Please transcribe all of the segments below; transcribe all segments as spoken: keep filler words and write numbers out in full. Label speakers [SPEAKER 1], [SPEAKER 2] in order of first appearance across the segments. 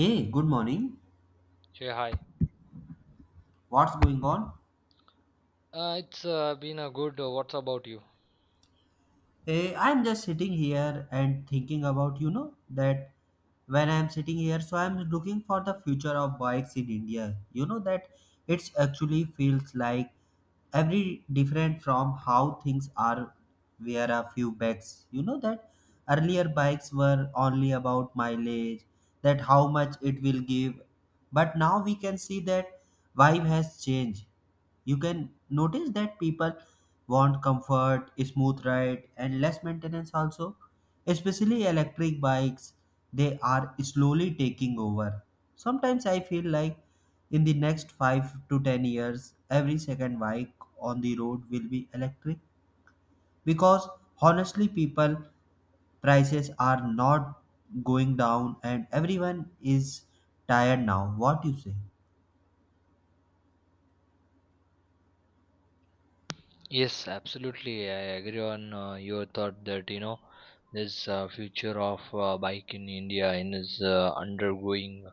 [SPEAKER 1] Hey, good morning.
[SPEAKER 2] Hey, hi.
[SPEAKER 1] What's going on?
[SPEAKER 2] Uh, it's uh, been a good. Uh, what's about you?
[SPEAKER 1] Hey, I'm just sitting here and thinking about, you know, that when I'm sitting here, so I'm looking for the future of bikes in India. You know that it's actually feels like every different from how things are were a few backs. You know that earlier bikes were only about mileage, that how much it will give. But now we can see that vibe has changed. You can notice that people want comfort, smooth ride, and less maintenance also. Especially electric bikes, they are slowly taking over. Sometimes I feel like in the next five to ten years, every second bike on the road will be electric because honestly, people prices are not going down and everyone is tired now. What you say?
[SPEAKER 2] Yes, absolutely. I agree on uh, your thought that you know this uh, future of uh, bike in India and is uh, undergoing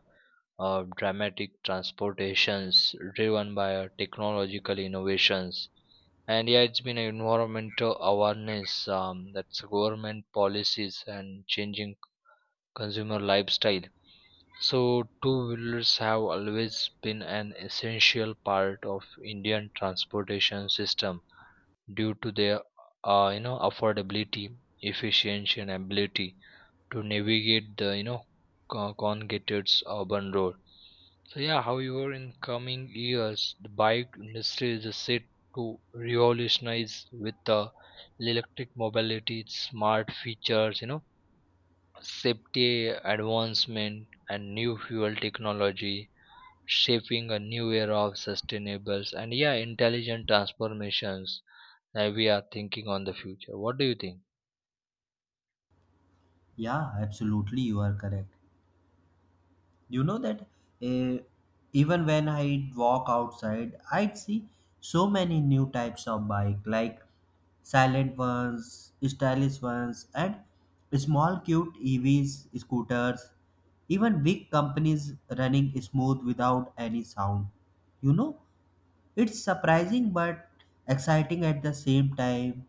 [SPEAKER 2] uh, dramatic transportations driven by uh, technological innovations. And yeah, it's been an environmental awareness, um, that's government policies and changing consumer lifestyle. So, two wheelers have always been an essential part of Indian transportation system due to their uh, you know affordability, efficiency, and ability to navigate the you know co- congested urban road. So yeah, however, in coming years, the bike industry is set to revolutionize with the electric mobility, its smart features, you know, safety advancement, and new fuel technology shaping a new era of sustainable and yeah intelligent transformations that we are thinking on the future. What do you think?
[SPEAKER 1] Yeah, absolutely, you are correct. You know that uh, even when I walk outside, I'd see so many new types of bike, like silent ones, stylish ones, and small cute EVs, scooters, even big companies running smooth without any sound, you know. It's surprising but exciting at the same time.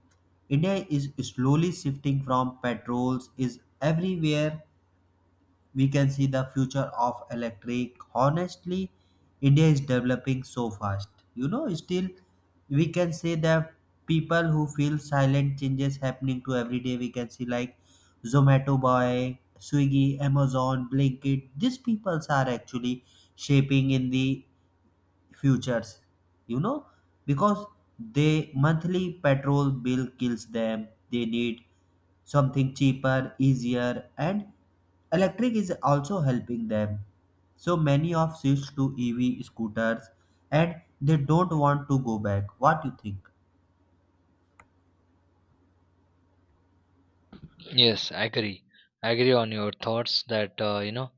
[SPEAKER 1] India is slowly shifting from petrols is everywhere. We can see the future of electric. Honestly, India is developing so fast, you know. Still, we can say that people who feel silent changes happening to every day, we can see like Zomato boy, Swiggy, Amazon, Blinkit, these peoples are actually shaping in the futures, you know, because they monthly petrol bill kills them. They need something cheaper, easier, and electric is also helping them. So many of switch to EV scooters and they don't want to go back. What you think?
[SPEAKER 2] Yes, I agree. I agree on your thoughts that uh, you know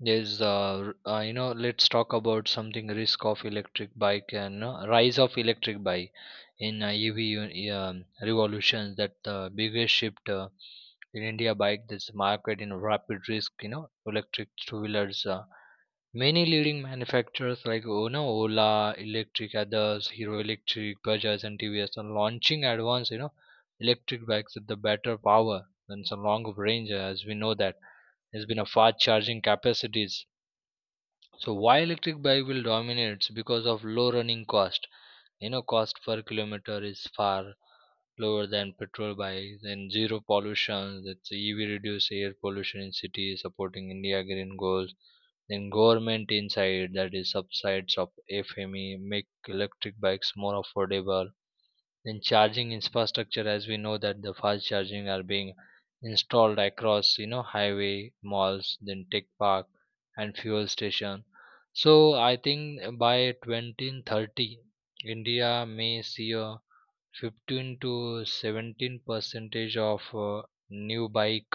[SPEAKER 2] there's uh, r- uh, you know let's talk about something risk of electric bike and uh, rise of electric bike in uh, E V um, revolutions that the biggest shift uh, in India bike this market in rapid risk you know electric two wheelers. uh, Many leading manufacturers like oh no, Ola, Electric Others, Hero Electric, Bajaj, and T V S are launching advanced you know electric bikes with the better power and some longer range. As we know that there's been a fast charging capacities. So why electric bike will dominate? It's because of low running cost. You know, cost per kilometer is far lower than petrol bikes and zero pollution. That's E V reduce air pollution in cities, supporting India green goals. Then government inside that is subsides of F M E make electric bikes more affordable. Then charging infrastructure, as we know that the fast charging are being installed across you know highway, malls, then tech park and fuel station. So I think by twenty thirty India may see a fifteen to seventeen percentage of uh, new bike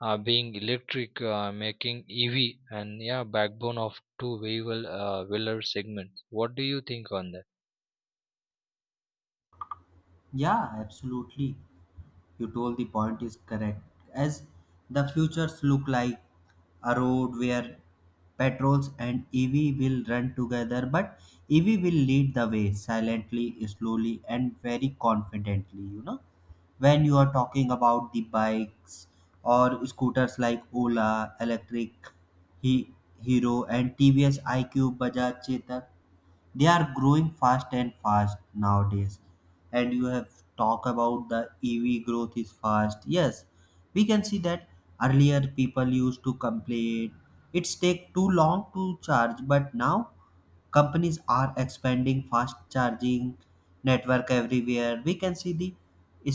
[SPEAKER 2] uh, being electric, uh, making E V and yeah, backbone of two wheeler uh, wheeler segments. What do you think on that?
[SPEAKER 1] Yeah, absolutely. You told the point is correct. As the futures look like a road where petrols and EV will run together, but EV will lead the way silently, slowly, and very confidently, you know. When you are talking about the bikes or scooters like Ola Electric, he, Hero and TVS iQ, Bajaj Chetak, they are growing fast and fast nowadays. And you have talk about the EV growth is fast. Yes, we can see that earlier people used to complain it's take too long to charge, but now companies are expanding fast charging network everywhere. We can see the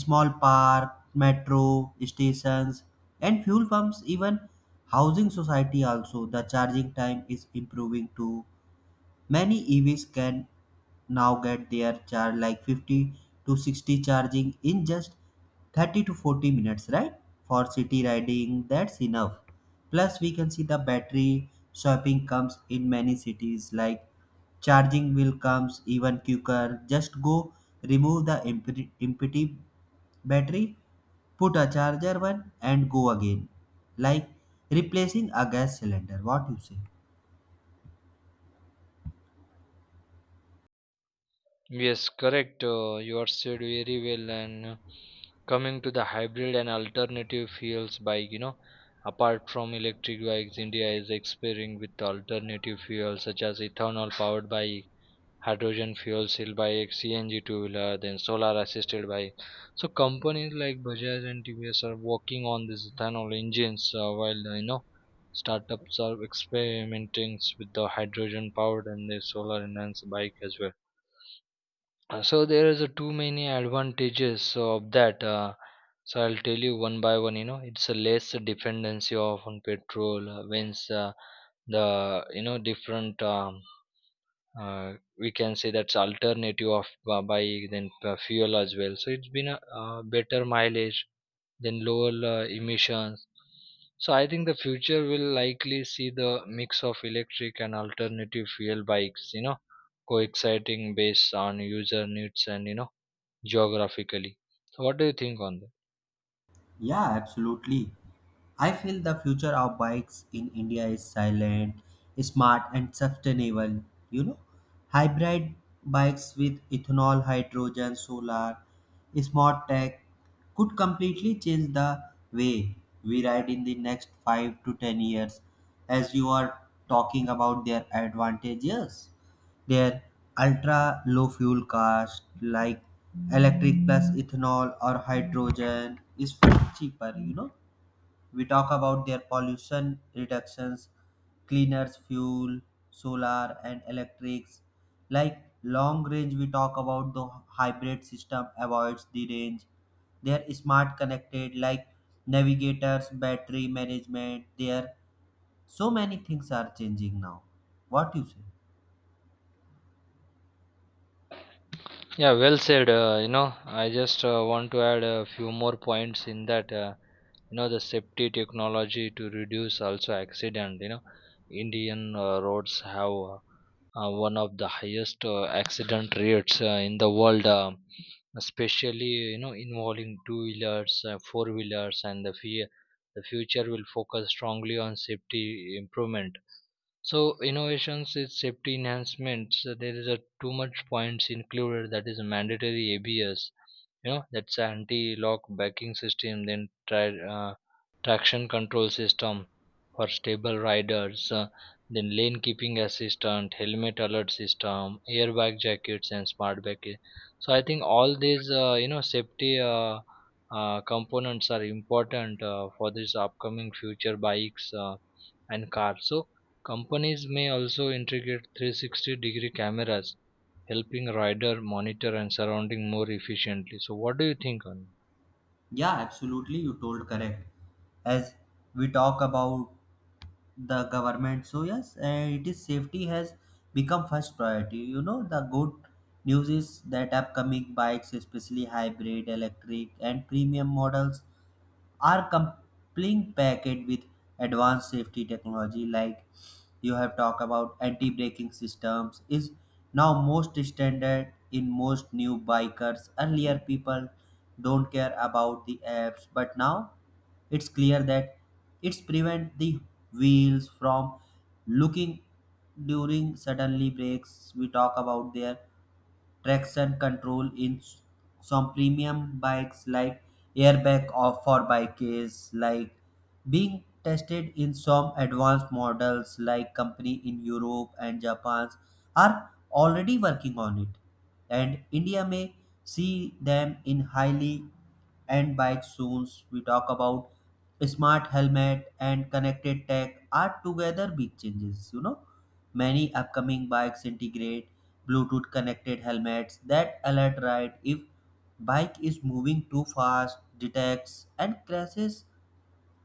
[SPEAKER 1] small park, metro stations, and fuel pumps, even housing society also. The charging time is improving too. Many E Vs can now get their charge like fifty to sixty charging in just thirty to forty minutes, right? For city riding, that's enough. Plus, we can see the battery swapping comes in many cities. Like charging will comes even quicker. Just go remove the empty empty battery, put a charger one and go again. Like replacing a gas cylinder. What you say?
[SPEAKER 2] Yes, correct. Uh, you are said very well. And uh, coming to the hybrid and alternative fuels bike, you know, apart from electric bikes, India is experimenting with alternative fuels such as ethanol powered bike, hydrogen fuel cell bike, C N G two wheeler, then solar assisted bike. So companies like Bajaj and T V S are working on these ethanol engines, uh, while uh, you know startups are experimenting with the hydrogen powered and the solar enhanced bike as well. Uh, so there is a too many advantages of that. Uh, so I'll tell you one by one. You know, it's a less dependency of on petrol, uh, whence uh, the you know different. Um, uh, we can say that's alternative of uh, by then uh, fuel as well, so it's been a uh, better mileage than lower uh, emissions. So I think the future will likely see the mix of electric and alternative fuel bikes, you know coexisting based on user needs and you know geographically. So what do you think on that?
[SPEAKER 1] Yeah, absolutely. I feel the future of bikes in India is silent, smart, and sustainable. You know, hybrid bikes with ethanol, hydrogen, solar, smart tech could completely change the way we ride in the next five to ten years. As you are talking about their advantages, their ultra low fuel cost, like electric plus ethanol or hydrogen, is far cheaper. You know, we talk about their pollution reductions, cleaner fuel, solar and electrics. Like long range, we talk about the hybrid system avoids the range. They are smart connected, like navigators, battery management. There, so many things are changing now. What you say?
[SPEAKER 2] Yeah, well said. Uh, you know, I just uh, want to add a few more points in that. Uh, you know, the safety technology to reduce also accident. You know, Indian uh, roads have uh, uh, one of the highest uh, accident rates uh, in the world, uh, especially you know involving two wheelers, uh, four wheelers, and the fear. The future will focus strongly on safety improvement, so innovations is safety enhancements. So there is a too much points included that is mandatory A B S. You know that's anti-lock braking system. Then try uh, traction control system for stable riders. Uh, then lane keeping assistant, helmet alert system, airbag jackets, and smart bracket. So I think all these uh, you know safety uh, uh, components are important uh, for this upcoming future bikes uh, and cars. So companies may also integrate three sixty degree cameras, helping rider monitor and surrounding more efficiently. So what do you think on?
[SPEAKER 1] Yeah, absolutely. You told correct. As we talk about the government, so yes, uh, it is safety has become first priority. You know, the good news is that upcoming bikes, especially hybrid, electric, and premium models, are complying packed with advanced safety technology. Like you have talked about, anti-braking systems is now most standard in most new bikers. Earlier people don't care about the apps, but now it's clear that it's prevent the wheels from looking during suddenly breaks. We talk about there traction control in s- some premium bikes, like airbag or for bikes, like being tested in some advanced models, like company in Europe and Japan are already working on it, and India may see them in highly end bikes soon. We talk about smart helmet and connected tech are together big changes, you know. Many upcoming bikes integrate Bluetooth connected helmets that alert ride if bike is moving too fast, detects and crashes,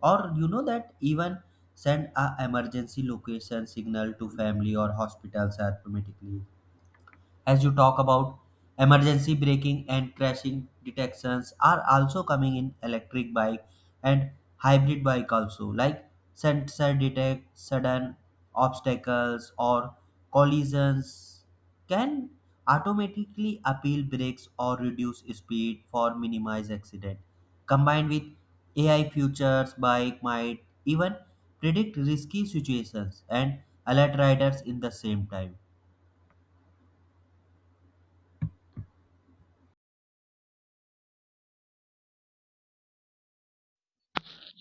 [SPEAKER 1] or you know that even send a emergency location signal to family or hospitals automatically. As you talk about emergency braking and crashing detections are also coming in electric bike and hybrid bike also. Like sensor detect sudden obstacles or collisions can automatically appeal brakes or reduce speed for minimize accident. Combined with AI features, bike might even predict risky situations and alert riders in the same time.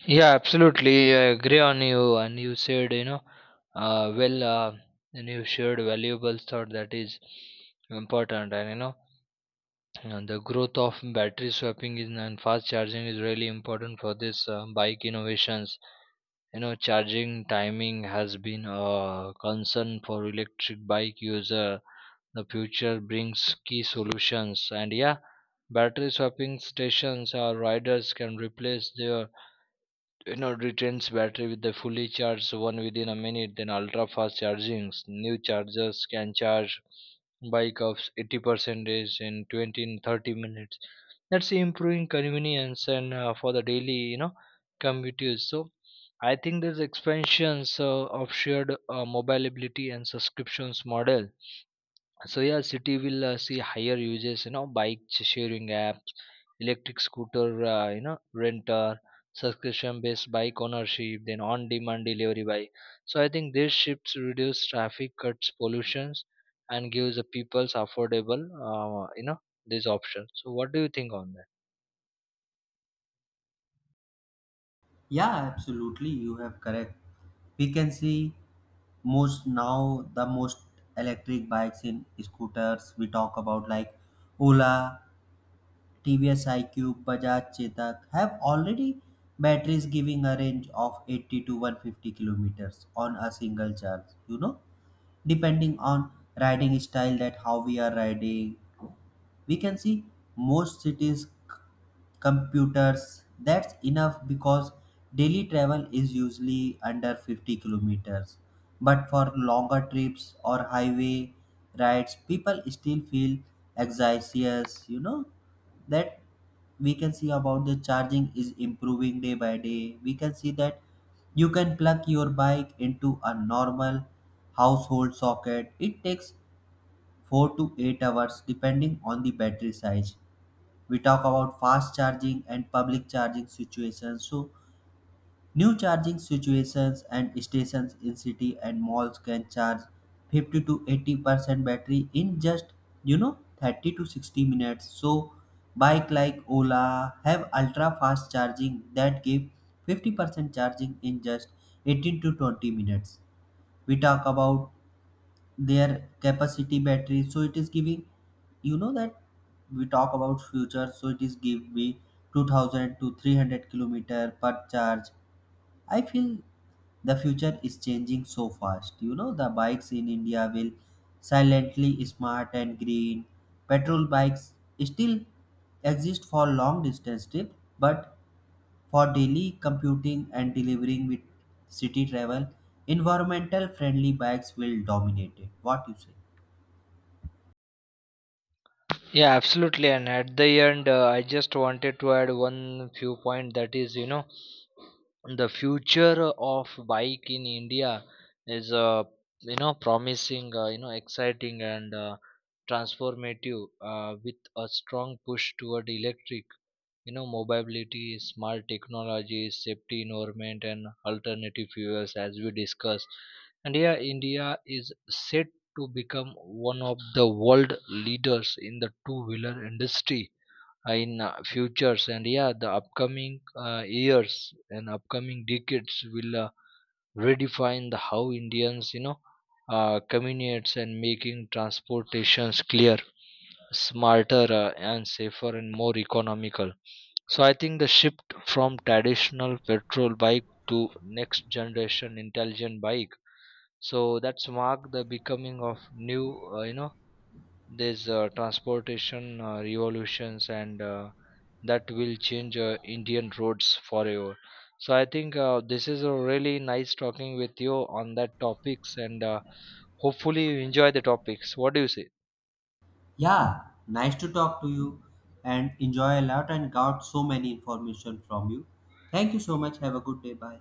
[SPEAKER 2] Yeah, absolutely. I agree on you. And you said, you know, uh, well, uh, and you shared valuable thought that is important. And, you know, and the growth of battery swapping is, and fast charging is really important for this uh, bike innovations. You know, charging timing has been a concern for electric bike user. The future brings key solutions and yeah battery swapping stations or riders can replace their you know retains battery with the fully charged one within a minute. Then ultra fast chargings new chargers can charge bike of eighty percent in twenty thirty minutes. That's improving convenience and uh, for the daily you know commuters. So I think there's expansions uh, of shared uh, mobility and subscriptions model. So yeah city will uh, see higher uses you know bike sh- sharing apps, electric scooter uh, you know renter, subscription based bike ownership, then on demand delivery by. So I think these shifts reduce traffic, cuts pollutions, and gives the people's affordable uh, you know these options. So what do you think on that?
[SPEAKER 1] Yeah, absolutely. You have correct. We can see most now the most electric bikes in scooters we talk about, like Ola, T V S iQube, Bajaj Chetak have already batteries giving a range of eighty to one hundred fifty kilometers on a single charge. You know, depending on riding style, that how we are riding, we can see most cities computers that's enough because daily travel is usually under fifty kilometers. But for longer trips or highway rides, people still feel anxious, you know that. We can see about the charging is improving day by day. We can see that you can plug your bike into a normal household socket. It takes four to eight hours depending on the battery size. We talk about fast charging and public charging situations. So new charging situations and stations in city and malls can charge fifty to eighty percent battery in just, you know, thirty to sixty minutes. So bike like Ola have ultra fast charging that give fifty percent charging in just eighteen to twenty minutes. We talk about their capacity battery, so it is giving, you know that, we talk about future, so it is give me two thousand to three hundred kilometer per charge. I feel the future is changing so fast, you know. The bikes in India will silently smart and green. Petrol bikes still exist for long distance trip, but for daily computing and delivering with city travel, environmental friendly bikes will dominate it. What you say?
[SPEAKER 2] Yeah, absolutely. And at the end, uh, I just wanted to add one few point that is, you know, the future of bike in India is, uh, you know, promising, uh, you know, exciting and uh, transformative uh, with a strong push toward electric you know mobility, smart technologies, safety environment, and alternative fuels as we discussed. And yeah India is set to become one of the world leaders in the two wheeler industry uh, in uh, futures. And yeah the upcoming uh, years and upcoming decades will uh, redefine the how Indians you know uh, communicates and making transportations clear, smarter uh, and safer and more economical. So I think the shift from traditional petrol bike to next generation intelligent bike. So that's marked the becoming of new, uh, you know, this uh, transportation uh, revolutions and uh, that will change uh, Indian roads forever. So I think uh, this is a really nice talking with you on that topics and uh, hopefully you enjoy the topics. What do you say?
[SPEAKER 1] Yeah, nice to talk to you and enjoy a lot and got so many information from you. Thank you so much. Have a good day. Bye.